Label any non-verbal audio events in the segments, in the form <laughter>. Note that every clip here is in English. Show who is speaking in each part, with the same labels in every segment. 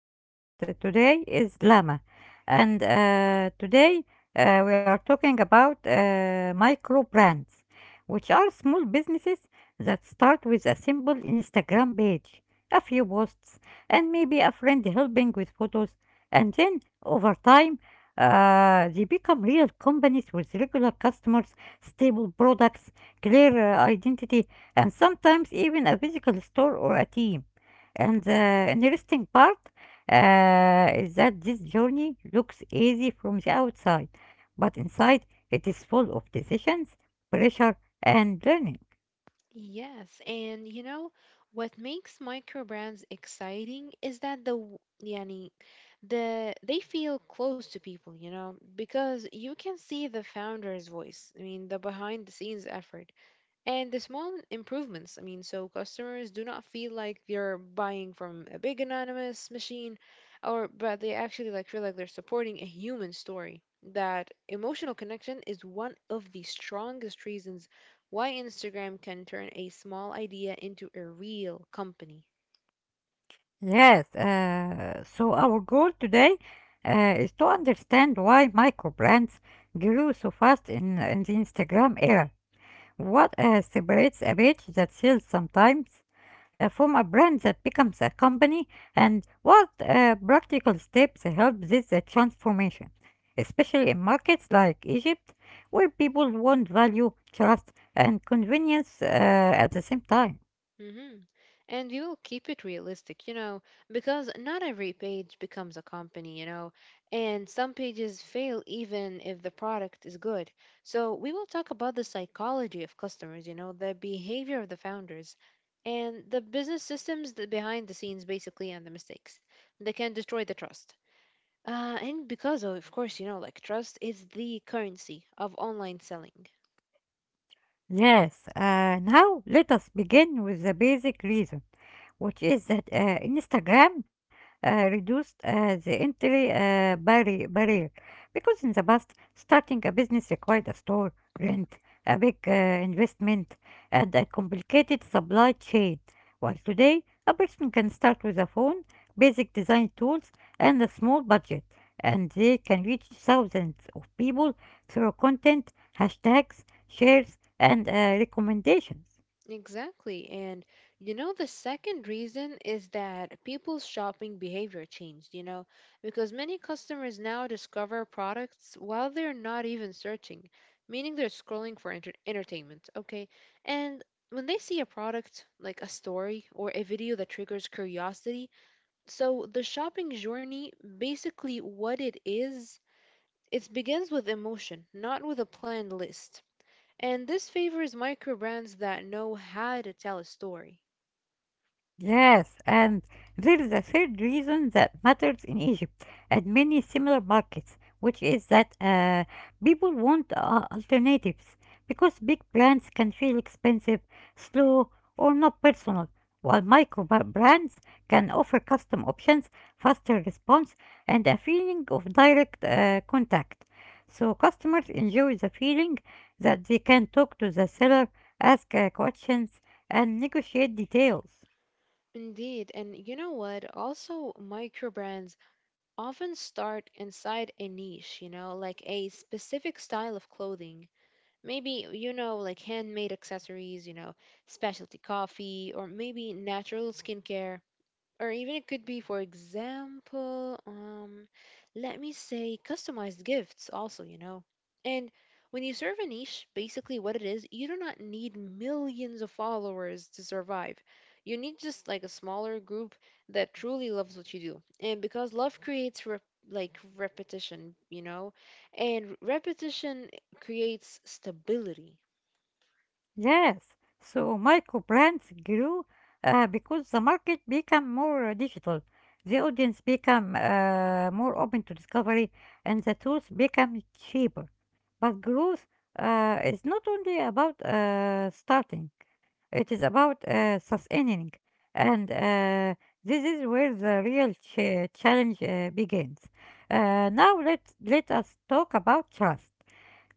Speaker 1: the co host today is Lama. And today we are talking about micro brands, which are small businesses that start with a simple Instagram page, a few posts, and maybe a friend helping with photos. And then over time, they become real companies with regular customers, stable products, clear identity, and sometimes even a physical store or a team. And the interesting part is that this journey looks easy from the outside, but inside it is full of decisions, pressure, and learning.
Speaker 2: Yes, and you know what makes micro brands exciting is that the w- yani the they feel close to people, you know, because you can see the founder's voice. I mean, the behind the scenes effort, and the small improvements. I mean, so customers do not feel like they're buying from a big anonymous machine or but they actually like feel like they're supporting a human story. That emotional connection is one of the strongest reasons why Instagram can turn a small idea into a real company.
Speaker 1: Yes, so our goal today is to understand why micro brands grew so fast in the Instagram era. What separates a page that sells sometimes from a brand that becomes a company, and what practical steps help this transformation, especially in markets like Egypt, where people want value, trust, and convenience at the same time?
Speaker 2: hmm And we will keep it realistic, you know, because not every page becomes a company, you know, and some pages fail even if the product is good. So we will talk about the psychology of customers, you know, the behavior of the founders, and the business systems that behind the scenes, basically, and the mistakes that can destroy the trust. And because, of course, you know, like trust is the currency of online selling.
Speaker 1: Yes, now let us begin with the basic reason, which is that Instagram reduced the entry barrier, because in the past, starting a business required a store, rent, a big investment, and a complicated supply chain. While today, a person can start with a phone, basic design tools, and a small budget, and they can reach thousands of people through content, hashtags, shares, and recommendations.
Speaker 2: Exactly. And you know, the second reason is that people's shopping behavior changed, you know, because many customers now discover products while they're not even searching, meaning they're scrolling for entertainment, okay? And when they see a product, like a story or a video that triggers curiosity, so the shopping journey, basically what it is, it begins with emotion, not with a planned list. And this favors micro brands that know how to tell a story.
Speaker 1: Yes, and there is a third reason that matters in Egypt and many similar markets, which is that people want alternatives, because big brands can feel expensive, slow, or not personal, while brands can offer custom options, faster response, and a feeling of direct contact. So customers enjoy the feeling that they can talk to the seller, ask questions, and negotiate details.
Speaker 2: Indeed, and you know what? Also, micro brands often start inside a niche, you know, like a specific style of clothing. Maybe, you know, like handmade accessories, you know, specialty coffee, or maybe natural skincare, or even it could be, for example, let me say customized gifts also, you know. And when you serve a niche, basically what it is, you do not need millions of followers to survive. You need just like a smaller group that truly loves what you do. And because love creates like repetition, you know, and repetition creates stability.
Speaker 1: Yes, so micro brands grew because the market became more digital, the audience became more open to discovery, and the tools become cheaper. But growth is not only about starting; it is about sustaining, and this is where the real challenge begins. Now let us talk about trust,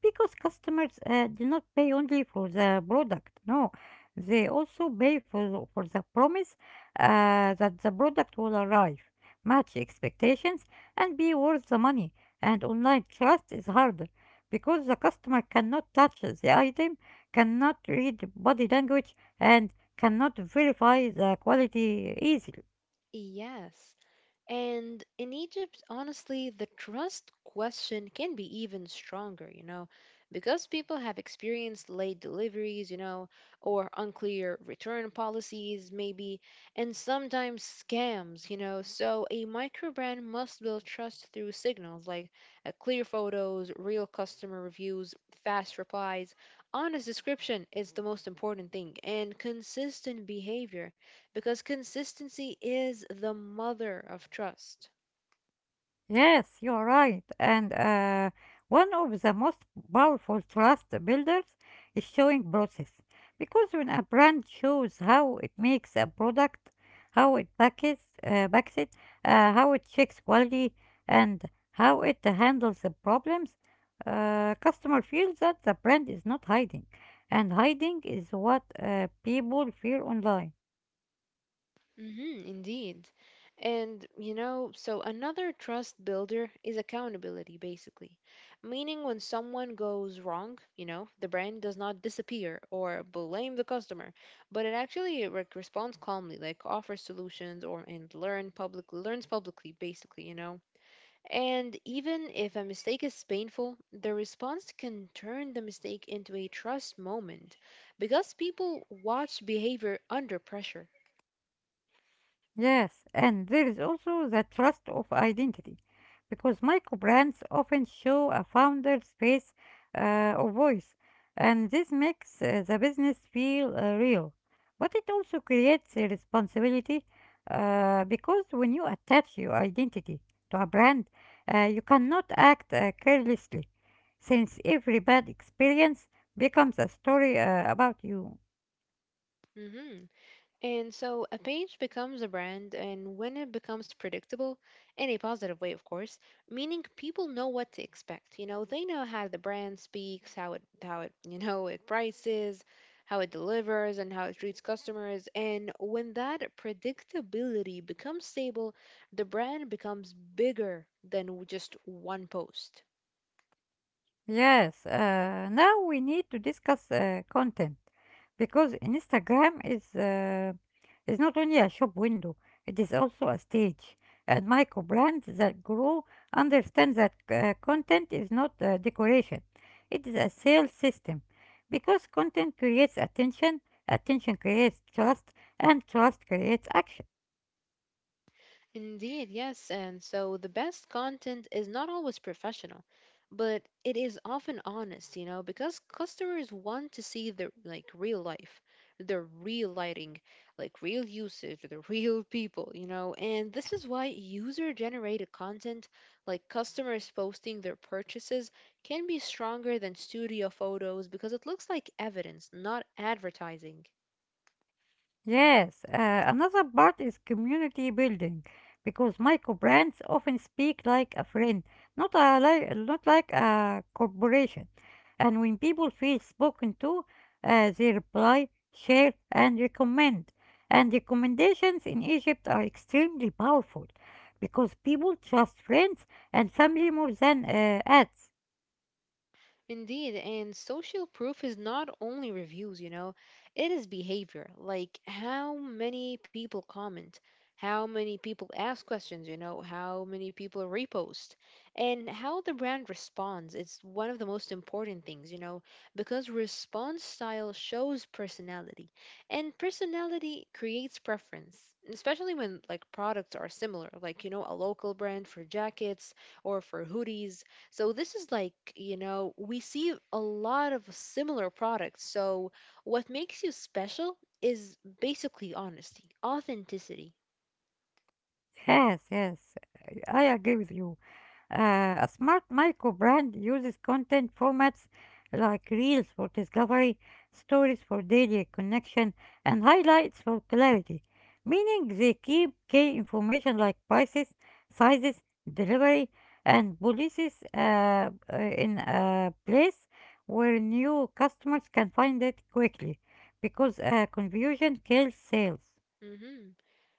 Speaker 1: because customers do not pay only for the product. No, they also pay for the promise that the product will arrive, match expectations, and be worth the money. And online trust is harder because the customer cannot touch the item, cannot read body language, and cannot verify the quality easily.
Speaker 2: Yes. And in Egypt, honestly, the trust question can be even stronger, you know, because people have experienced late deliveries, you know, or unclear return policies, maybe, and sometimes scams, you know. So a microbrand must build trust through signals like clear photos, real customer reviews, fast replies. Honest description is the most important thing, and consistent behavior, because consistency is the mother of trust.
Speaker 1: Yes, you are right. And one of the most powerful trust builders is showing process. Because when a brand shows how it makes a product, packs it, how it checks quality, and how it handles the problems, customer feels that the brand is not hiding. And hiding is what people fear online.
Speaker 2: Indeed. And, you know, so another trust builder is accountability, basically. Meaning, when someone goes wrong, you know, the brand does not disappear or blame the customer, but it actually like responds calmly, like offers solutions or and learn public learns publicly, basically, you know. And even if a mistake is painful, the response can turn the mistake into a trust moment because people watch behavior under pressure.
Speaker 1: Yes, and there is also the trust of identity, because micro brands often show a founder's face or voice, and this makes the business feel real. But it also creates a responsibility because when you attach your identity to a brand, you cannot act carelessly, since every bad experience becomes a story about you.
Speaker 2: Mhm. And so a page becomes a brand, and when it becomes predictable, in a positive way, of course, meaning people know what to expect. You know, they know how the brand speaks, how it you know, it prices, how it delivers, and how it treats customers. And when that predictability becomes stable, the brand becomes bigger than just one post.
Speaker 1: Yes, now we need to discuss content, because Instagram is not only a shop window, it is also a stage. And micro brands that grow understand that content is not decoration, it is a sales system. Because content creates attention, attention creates trust, and trust creates action.
Speaker 2: Indeed, yes. And so the best content is not always professional, but it is often honest, you know, because customers want to see the like real life, the real lighting, like real usage, the <laughs> real people, you know. And this is why user-generated content, like customers posting their purchases, can be stronger than studio photos because it looks like evidence, not advertising.
Speaker 1: Yes, another part is community building, because micro brands often speak like a friend, not like a corporation. And when people feel spoken to, they reply, share, and recommend. And recommendations in Egypt are extremely powerful because people trust friends and family more than ads.
Speaker 2: Indeed, and social proof is not only reviews, you know, it is behavior, like how many people comment, how many people ask questions, you know, how many people repost, and how the brand responds. It's one of the most important things, you know, because response style shows personality, and personality creates preference, especially when like products are similar, like, you know, a local brand for jackets or for hoodies. So this is like, you know, we see a lot of similar products. So what makes you special is basically honesty, authenticity.
Speaker 1: Yes, yes, I agree with you. A smart micro brand uses content formats like reels for discovery, stories for daily connection, and highlights for clarity, meaning they keep key information like prices, sizes, delivery, and policies in a place where new customers can find it quickly, because confusion kills sales.
Speaker 2: hmm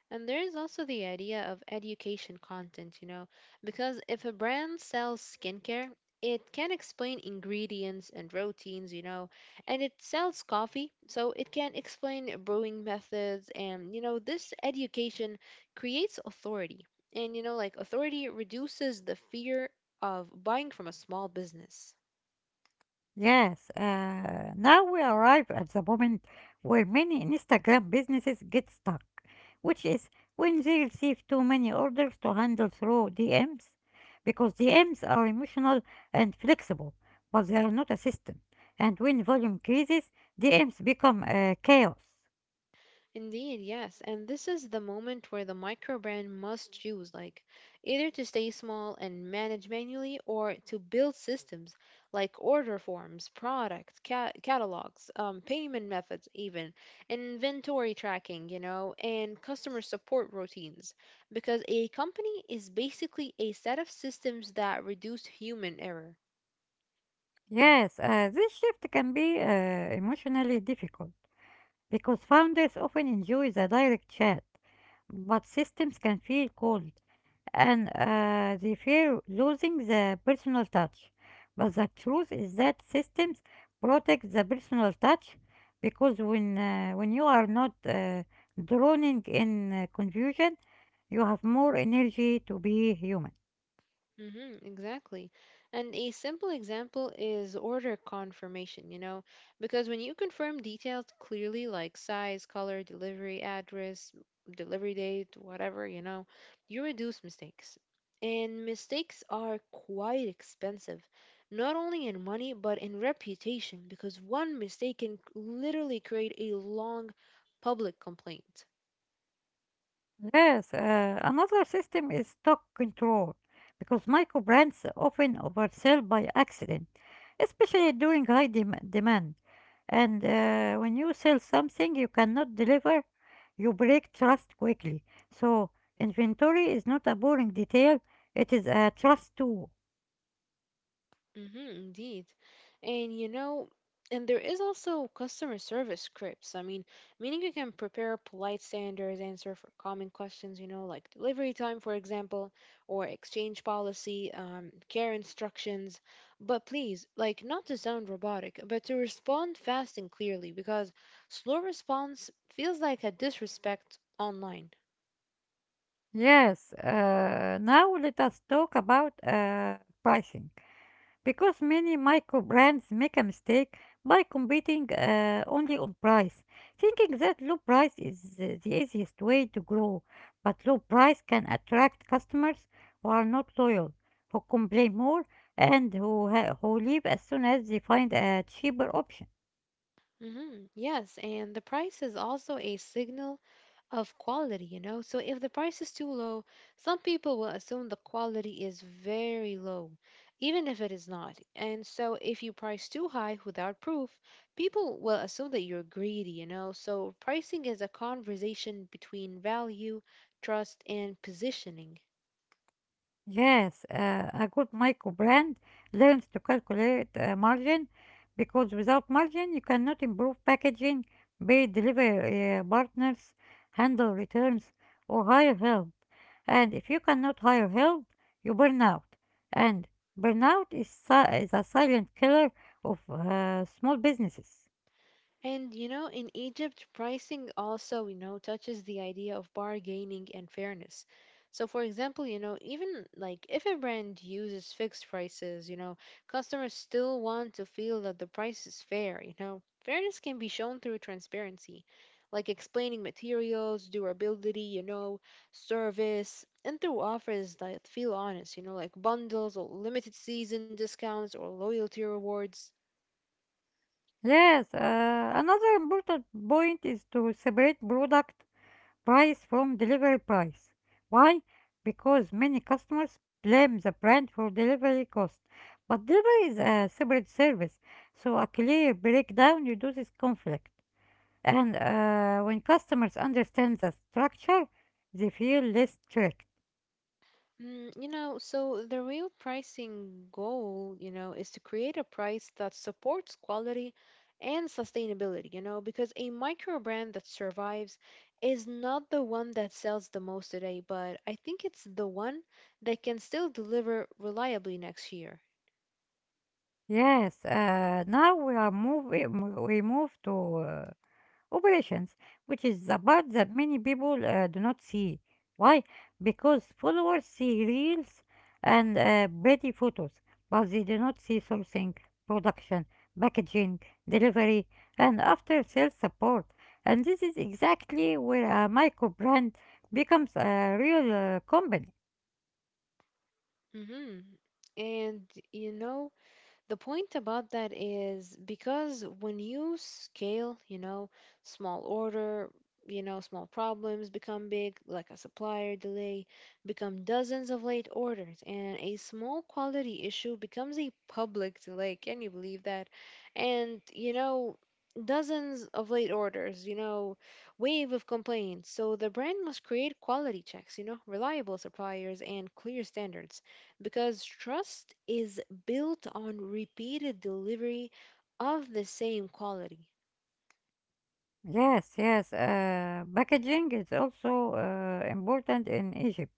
Speaker 2: And there is also the idea of education content, you know, because if a brand sells skincare, it can explain ingredients and routines, you know, and it sells coffee, so it can explain brewing methods. And, you know, this education creates authority. And, you know, like authority reduces the fear of buying from a small business.
Speaker 1: Yes, now we arrive at the moment where many Instagram businesses get stuck, which is when they receive too many orders to handle through DMs, because DMs are emotional and flexible, but they are not a system. And when volume increases, DMs become chaos.
Speaker 2: Indeed, yes. And this is the moment where the micro brand must choose, like either to stay small and manage manually, or to build systems like order forms, product catalogs, payment methods, even inventory tracking, you know, and customer support routines. Because a company is basically a set of systems that reduce human error.
Speaker 1: Yes, this shift can be emotionally difficult because founders often enjoy the direct chat, but systems can feel cold and they fear losing the personal touch. But the truth is that systems protect the personal touch because when you are not drowning in confusion, you have more energy to be human.
Speaker 2: Mm-hmm, exactly. And a simple example is order confirmation, you know, because when you confirm details clearly like size, color, delivery address, delivery date, whatever, you know, you reduce mistakes. And mistakes are quite expensive, not only in money, but in reputation, because one mistake can literally create a long public complaint.
Speaker 1: Yes, another system is stock control, because micro brands often oversell by accident, especially during high demand. And when you sell something you cannot deliver, you break trust quickly. So, inventory is not a boring detail, it is a trust tool.
Speaker 2: Mm-hmm, indeed. And you know, and there is also customer service scripts. I mean, meaning you can prepare polite standards, answer for common questions, you know, like delivery time, for example, or exchange policy, care instructions. But please, like, not to sound robotic, but to respond fast and clearly, because slow response feels like a disrespect online.
Speaker 1: Yes, now let us talk about pricing, because many micro brands make a mistake by competing only on price, thinking that low price is the easiest way to grow. But low price can attract customers who are not loyal, who complain more, and who leave as soon as they find a cheaper option.
Speaker 2: Mm-hmm, yes, and the price is also a signal of quality, you know? So if the price is too low, some people will assume the quality is very low, even if it is not. And so if you price too high without proof, people will assume that you're greedy, you know? So pricing is a conversation between value, trust, and positioning.
Speaker 1: Yes, a good micro brand learns to calculate margin, because without margin, you cannot improve packaging, pay delivery partners, handle returns, or hire help. And if you cannot hire help, you burn out. And is a silent killer of small businesses.
Speaker 2: And you know, in Egypt, pricing also, you know, touches the idea of bargaining and fairness. So, for example, you know, even like if a brand uses fixed prices, you know, customers still want to feel that the price is fair, you know. Fairness can be shown through transparency, like explaining materials, durability, you know, service, and through offers that feel honest, you know, like bundles or limited season discounts or loyalty rewards.
Speaker 1: Yes, another important point is to separate product price from delivery price. Why? Because many customers blame the brand for delivery cost. But delivery is a separate service, so a clear breakdown reduces conflict. And when customers understand the structure, they feel less tricked.
Speaker 2: Mm, you know, so the real pricing goal, you know, is to create a price that supports quality and sustainability, you know, because a micro brand that survives is not the one that sells the most today, but I think it's the one that can still deliver reliably next year.
Speaker 1: Yes, now we are move we move to operations, which is the part that many people do not see. Why? Because followers see reels and pretty photos, but they do not see sourcing, production, packaging, delivery, and after sales support. And this is exactly where a micro brand becomes a real company.
Speaker 2: hmm And, you know, the point about that is because when you scale, you know, small order, you know, small problems become big, like a supplier delay, become dozens of late orders, and a small quality issue becomes a public delay. Can you believe that? And, you know, dozens of late orders, you know, wave of complaints. So the brand must create quality checks, you know, reliable suppliers and clear standards, because trust is built on repeated delivery of the same quality.
Speaker 1: Yes, yes. Packaging is also important in Egypt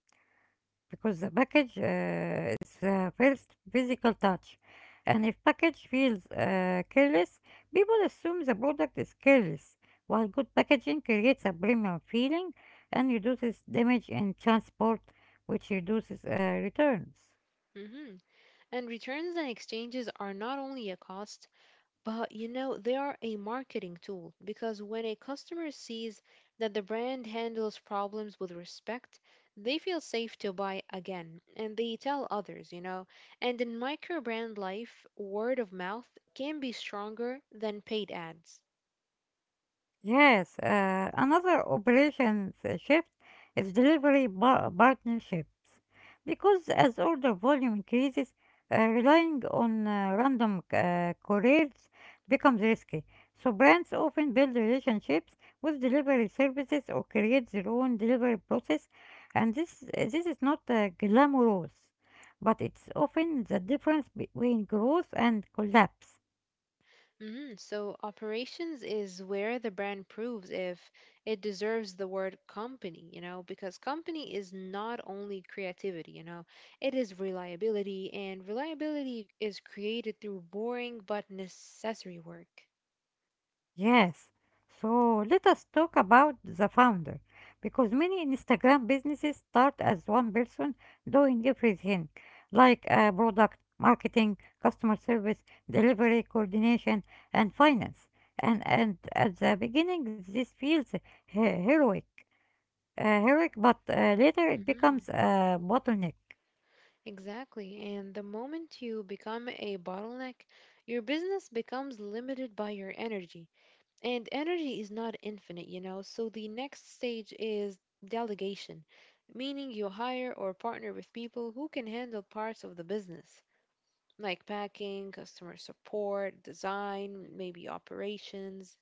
Speaker 1: because the package is the first physical touch. And if package feels careless, people assume the product is careless, while good packaging creates a premium feeling and reduces damage in transport, which reduces returns.
Speaker 2: Mhm. And returns and exchanges are not only a cost, but you know, they are a marketing tool because when a customer sees that the brand handles problems with respect, they feel safe to buy again and they tell others, you know. And in micro brand life, word of mouth can be stronger than paid ads.
Speaker 1: Yes, another operations shift is delivery partnerships. Because as order volume increases, relying on random couriers becomes risky. So brands often build relationships with delivery services or create their own delivery process, and this is not glamorous, but it's often the difference between growth and collapse.
Speaker 2: Mhm. So operations is where the brand proves if it deserves the word company, you know, because company is not only creativity, you know, it is reliability, and reliability is created through boring but necessary work.
Speaker 1: Yes. So let us talk about the founder, because many Instagram businesses start as one person doing everything like product, marketing, customer service, delivery coordination, and finance. And at the beginning, this feels he- heroic, heroic, but later it
Speaker 2: hmm
Speaker 1: becomes a bottleneck.
Speaker 2: Exactly. And the moment you become a bottleneck, your business becomes limited by your energy. And energy is not infinite, you know, so the next stage is delegation, meaning you hire or partner with people who can handle parts of the business, like packing, customer support, design, maybe operations.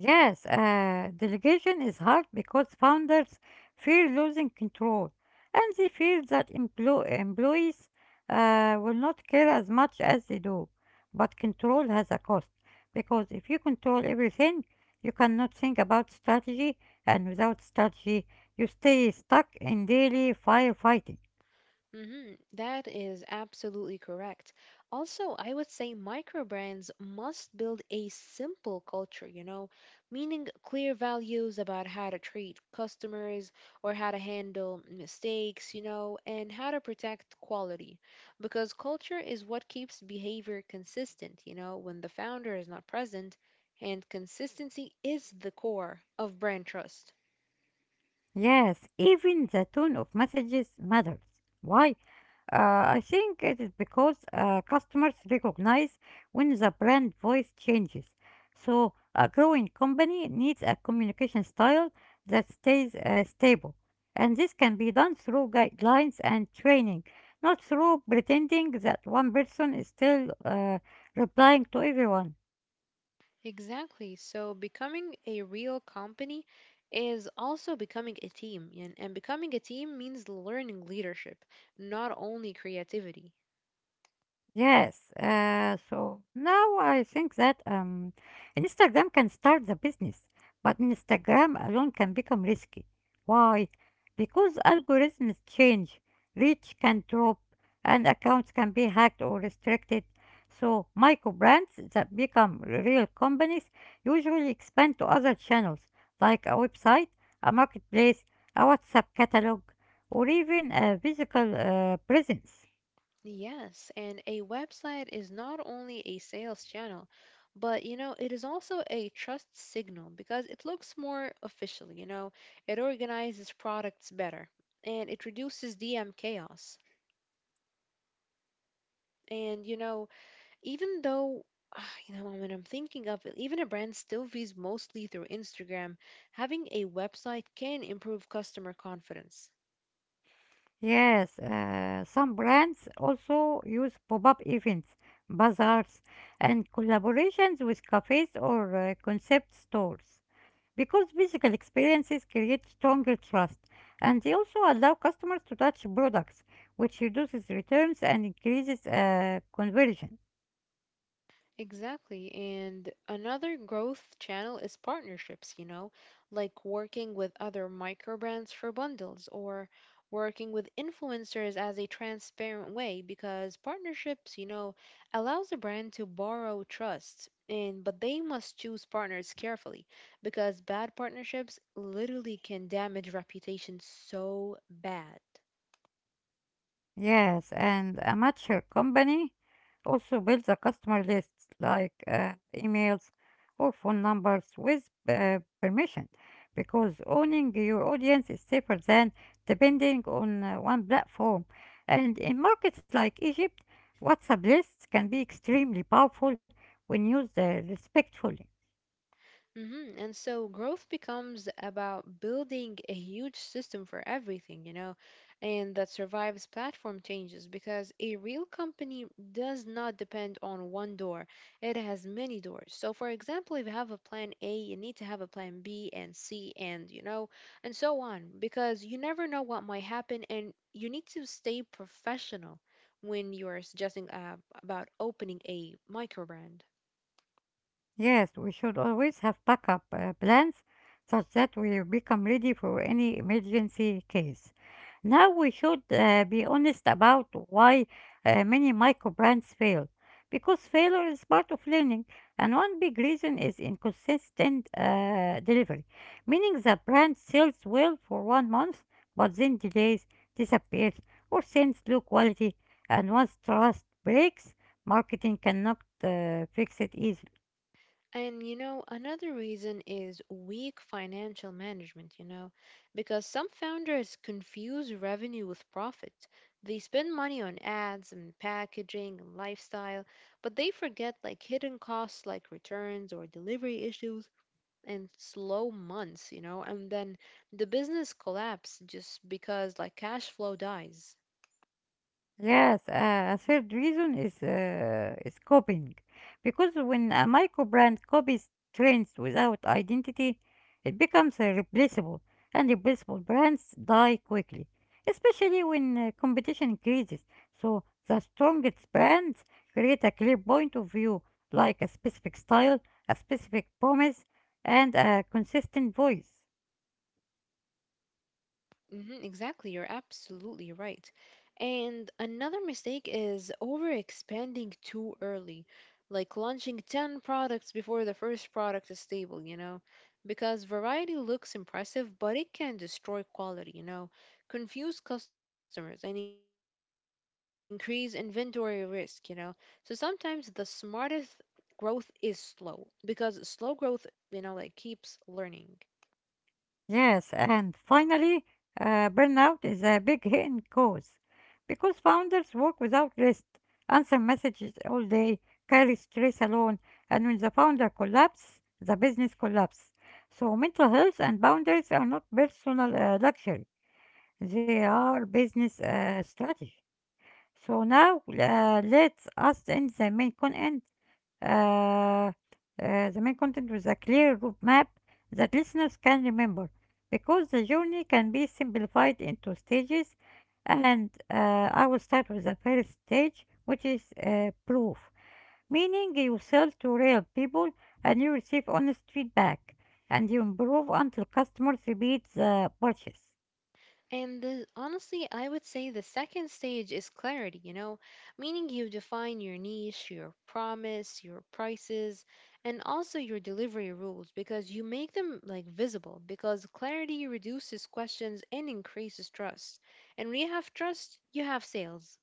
Speaker 1: Yes, delegation is hard because founders fear losing control and they fear that employees will not care as much as they do. But control has a cost because if you control everything, you cannot think about strategy, and without strategy, you stay stuck in daily firefighting.
Speaker 2: Mhm. That is absolutely correct. Also, I would say microbrands must build a simple culture, you know, meaning clear values about how to treat customers or how to handle mistakes, you know, and how to protect quality. Because culture is what keeps behavior consistent, you know, when the founder is not present, and consistency is the core of brand trust.
Speaker 1: Yes, even the tone of messages matters. Why? I think it is because customers recognize when the brand voice changes. So, a growing company needs a communication style that stays stable. And this can be done through guidelines and training, not through pretending that one person is still replying to everyone.
Speaker 2: Exactly. So becoming a real company is also becoming a team. And becoming a team means learning leadership, not only creativity.
Speaker 1: Yes. So now I think that Instagram can start the business, but Instagram alone can become risky. Why? Because algorithms change, reach can drop, and accounts can be hacked or restricted. So micro brands that become real companies usually expand to other channels like a website, a marketplace, a WhatsApp catalog, or even a physical presence.
Speaker 2: Yes, and a website is not only a sales channel, but you know, it is also a trust signal because it looks more official, you know, it organizes products better and it reduces DM chaos. And you know, even though, ah, you know, when I'm thinking of it, even a brand still views mostly through Instagram, having a website can improve customer confidence.
Speaker 1: Yes, some brands also use pop-up events, bazaars, and collaborations with cafes or concept stores, because physical experiences create stronger trust and they also allow customers to touch products, which reduces returns and increases conversion.
Speaker 2: Exactly. And another growth channel is partnerships, like working with other microbrands for bundles or working with influencers as a transparent way because partnerships, allows a brand to borrow trust and but they must choose partners carefully because bad partnerships literally can damage reputation so bad.
Speaker 1: Yes, and a mature company also builds a customer list like emails or phone numbers with permission, because owning your audience is safer than depending on one platform. And in markets like Egypt, WhatsApp lists can be extremely powerful when used respectfully.
Speaker 2: And so growth becomes about building a huge system for everything, and that survives platform changes because a real company does not depend on one door, it has many doors. So, for example, if you have a plan A, you need to have a plan B and C, and so on, because you never know what might happen, and you need to stay professional when you are suggesting about opening a micro brand.
Speaker 1: Yes, we should always have backup plans such that we become ready for any emergency case. Now we should be honest about why many micro brands fail, because failure is part of learning, and one big reason is inconsistent delivery, meaning the brand sells well for 1 month but then delays, disappears, or sends low quality, and once trust breaks, marketing cannot fix it easily.
Speaker 2: Another reason is weak financial management, because some founders confuse revenue with profit. They spend money on ads and packaging and lifestyle, but they forget like hidden costs like returns or delivery issues and slow months, and then the business collapse just because like cash flow dies.
Speaker 1: Yes, a third reason is copying, because when a micro brand copies trends without identity, it becomes replaceable, and replaceable brands die quickly, especially when competition increases. So the strongest brands create a clear point of view, like a specific style, a specific promise, and a consistent voice.
Speaker 2: Mhm, exactly, you're absolutely right. And another mistake is overexpanding too early, like launching 10 products before the first product is stable. Because variety looks impressive, but it can destroy quality. Confuse customers and increase inventory risk. So sometimes the smartest growth is slow because slow growth, like keeps learning.
Speaker 1: Yes, and finally, burnout is a big hidden cause because founders work without rest, answer messages all day, carry stress alone, and when the founder collapses, the business collapses. So, mental health and boundaries are not personal luxury, they are business strategy. So, now let us end uh, uh, the main content with a clear route map that listeners can remember, because the journey can be simplified into stages, and I will start with the first stage, which is proof, meaning you sell to real people, and you receive honest feedback, and you improve until customers repeat the purchase.
Speaker 2: And the, honestly, I would say the second stage is clarity, meaning you define your niche, your promise, your prices, and also your delivery rules because you make them like visible because clarity reduces questions and increases trust. And when you have trust, you have sales.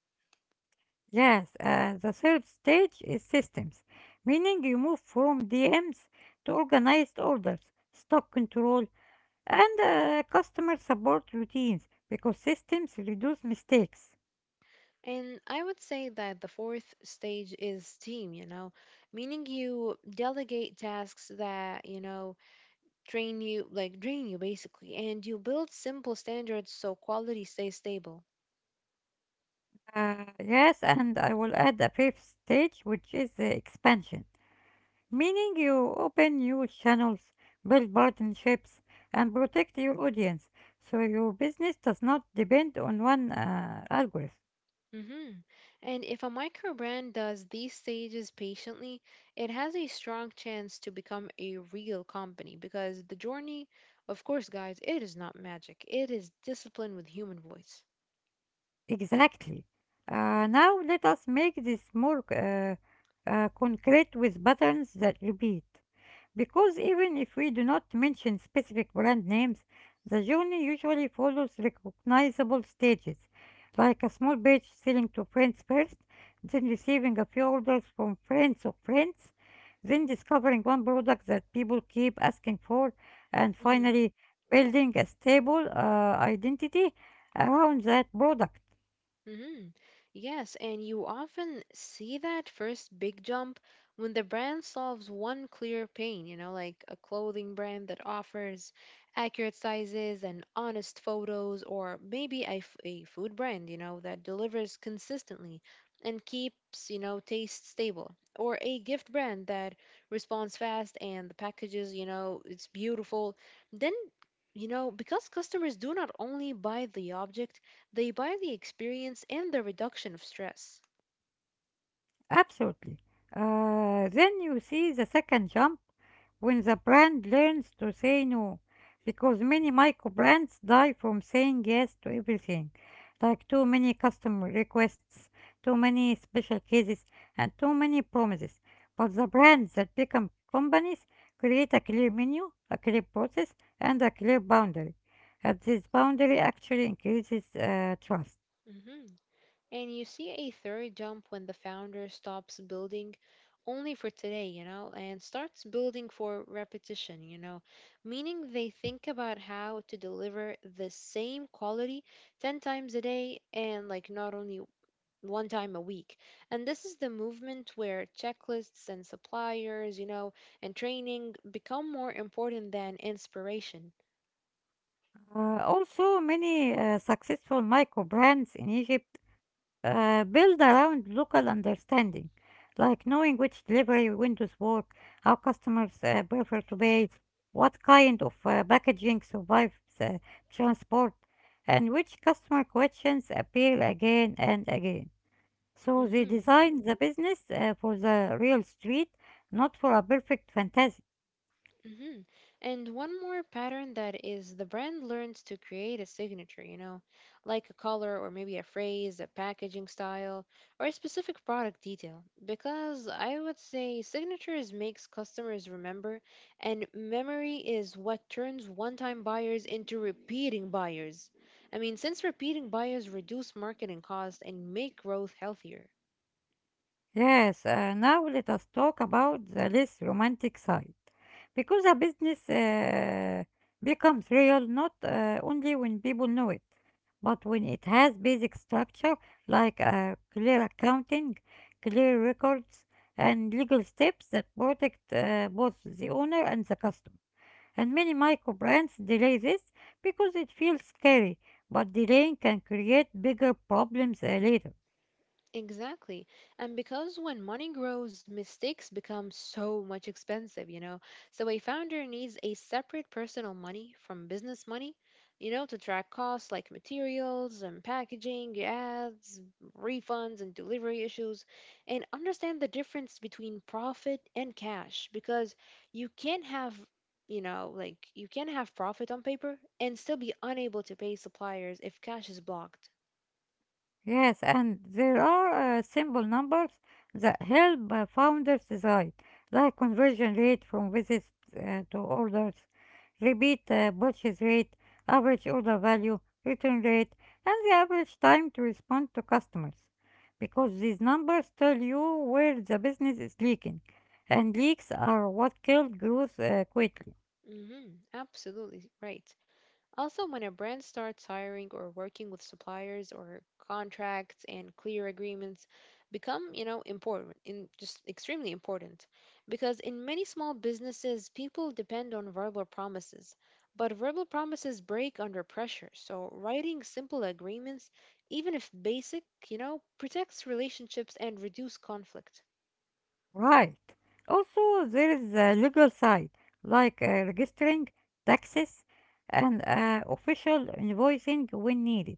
Speaker 1: Yes, the third stage is systems, meaning you move from DMs to organized orders, stock control, and customer support routines, because systems reduce mistakes.
Speaker 2: And I would say that the fourth stage is team, meaning you delegate tasks that Train you like drain you basically, and you build simple standards so quality stays stable.
Speaker 1: Yes, and I will add a fifth stage, which is the expansion, meaning you open new channels, build partnerships, and protect your audience so your business does not depend on one algorithm.
Speaker 2: hmm and if a micro brand does these stages patiently, it has a strong chance to become a real company because the journey, of course, guys, it is not magic, it is discipline with human voice.
Speaker 1: Exactly. Now let us make this more concrete with patterns that repeat. Because even if we do not mention specific brand names, the journey usually follows recognizable stages, like a small batch selling to friends first, then receiving a few orders from friends of friends, then discovering one product that people keep asking for, and finally building a stable identity around that product.
Speaker 2: hmm Yes, and you often see that first big jump when the brand solves one clear pain, like a clothing brand that offers accurate sizes and honest photos, or maybe a food brand, that delivers consistently and keeps, taste stable, or a gift brand that responds fast and the packages, it's beautiful. Then, because customers do not only buy the object, they buy the experience and the reduction of stress.
Speaker 1: Absolutely. Then you see the second jump when the brand learns to say no, because many micro brands die from saying yes to everything, like too many customer requests, too many special cases, and too many promises. But the brands that become companies create a clear menu, a clear process, and a clear boundary. And this boundary actually increases trust.
Speaker 2: hmm And you see a third jump when the founder stops building only for today, and starts building for repetition, meaning they think about how to deliver the same quality 10 times a day and like not only one time a week. And this is the movement where checklists and suppliers, and training become more important than inspiration.
Speaker 1: Also, many successful micro brands in Egypt build around local understanding, like knowing which delivery windows work, how customers prefer to pay, what kind of packaging survives transport, and which customer questions appear again and again. So they
Speaker 2: Mhm.
Speaker 1: designed the business for the real street, not for a perfect fantasy.
Speaker 2: hmm And one more pattern that is the brand learns to create a signature, like a color or maybe a phrase, a packaging style, or a specific product detail. Because I would say signatures makes customers remember, and memory is what turns one-time buyers into repeating buyers. I mean, since repeating buyers reduce marketing costs and make growth healthier.
Speaker 1: Yes, now let us talk about the less romantic side. Because a business becomes real not only when people know it, but when it has basic structure like clear accounting, clear records, and legal steps that protect both the owner and the customer. And many micro brands delay this because it feels scary, but delaying can create bigger problems later.
Speaker 2: Exactly. And because when money grows, mistakes become so much expensive. So a founder needs a separate personal money from business money, to track costs like materials and packaging, ads, refunds and delivery issues, and understand the difference between profit and cash because you can't have You know, like you can have profit on paper and still be unable to pay suppliers if cash is blocked.
Speaker 1: Yes, and there are simple numbers that help founders decide, like conversion rate from visits to orders, repeat purchase rate, average order value, return rate, and the average time to respond to customers. Because these numbers tell you where the business is leaking, and leaks are what killed growth quickly.
Speaker 2: Mm-hmm, absolutely right. Also, when a brand starts hiring or working with suppliers or contracts and clear agreements become, important, in just extremely important, because in many small businesses people depend on verbal promises, but verbal promises break under pressure. So, writing simple agreements, even if basic, protects relationships and reduce conflict.
Speaker 1: Right. Also, there is the legal side, like registering, taxes, and official invoicing when needed.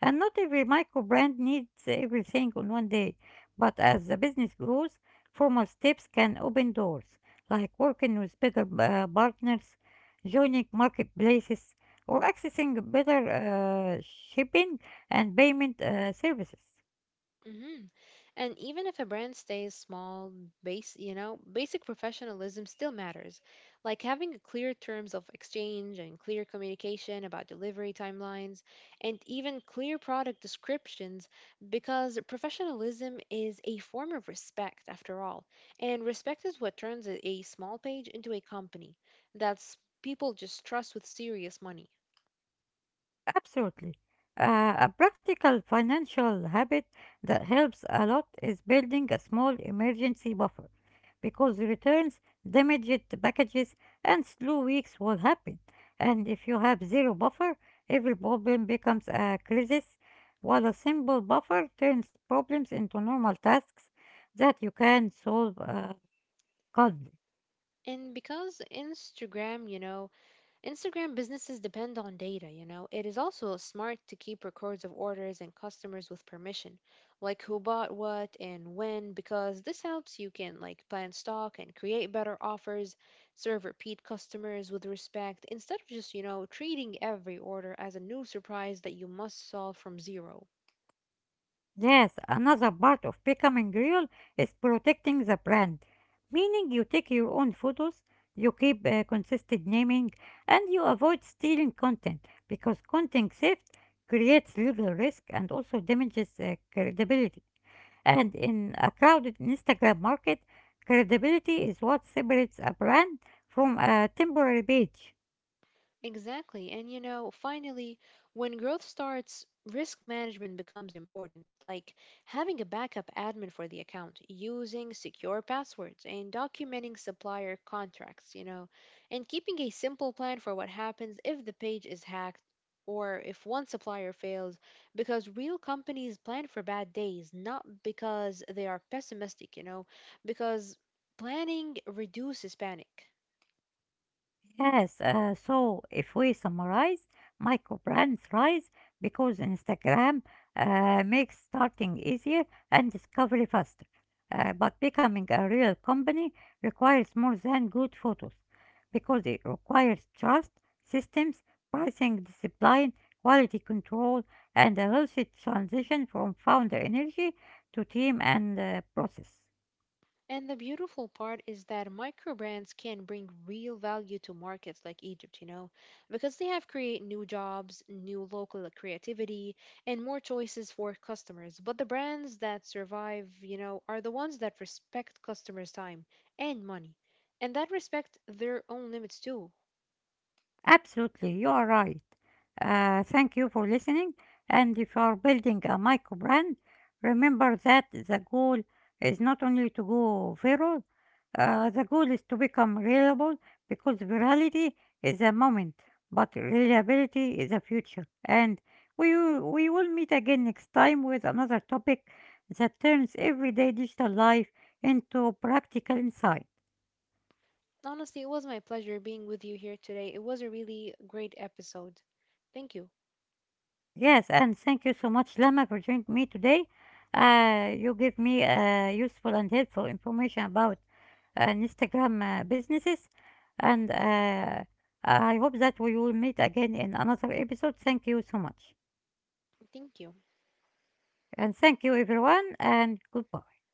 Speaker 1: And not every micro brand needs everything on one day, but as the business grows, formal steps can open doors, like working with bigger partners, joining marketplaces, or accessing better shipping and payment services.
Speaker 2: hmm And even if a brand stays small, basic professionalism still matters. Like having a clear terms of exchange and clear communication about delivery timelines and even clear product descriptions because professionalism is a form of respect after all. And respect is what turns a small page into a company that's people just trust with serious money.
Speaker 1: Absolutely. A practical financial habit that helps a lot is building a small emergency buffer, because returns, damaged packages, and slow weeks will happen. And if you have zero buffer, every problem becomes a crisis, while a simple buffer turns problems into normal tasks that you can solve calmly.
Speaker 2: And because Instagram, Instagram businesses depend on data, It is also smart to keep records of orders and customers with permission, like who bought what and when, because this helps you can like plan stock and create better offers, serve repeat customers with respect instead of just, treating every order as a new surprise that you must solve from zero.
Speaker 1: Yes, another part of becoming real is protecting the brand, meaning you take your own photos, you keep consistent naming, and you avoid stealing content, because content theft creates legal risk and also damages credibility. And in a crowded Instagram market, credibility is what separates a brand from a temporary page.
Speaker 2: Exactly. And you know, finally, when growth starts, risk management becomes important, like having a backup admin for the account, using secure passwords, and documenting supplier contracts, and keeping a simple plan for what happens if the page is hacked or if one supplier fails, because real companies plan for bad days, not because they are pessimistic, because planning reduces panic.
Speaker 1: Yes, so if we summarize, micro brands rise because Instagram makes starting easier and discovery faster. But becoming a real company requires more than good photos, because it requires trust, systems, pricing discipline, quality control, and a healthy transition from founder energy to team and process.
Speaker 2: And the beautiful part is that micro brands can bring real value to markets like Egypt, because they have create new jobs, new local creativity, and more choices for customers. But the brands that survive, are the ones that respect customers' time and money, and that respect their own limits too.
Speaker 1: Absolutely, you are right. Thank you for listening. And if you are building a micro brand, remember that the goal is not only to go viral, the goal is to become reliable, because virality is a moment, but reliability is a future. And we will meet again next time with another topic that turns everyday digital life into practical insight.
Speaker 2: Honestly, it was my pleasure being with you here today. It was a really great episode. Thank you.
Speaker 1: Yes, and thank you so much, Lama, for joining me today. You give me useful and helpful information about Instagram businesses, and I hope that we will meet again in another episode. Thank you so much,
Speaker 2: Thank you.
Speaker 1: and thank you, everyone, and goodbye.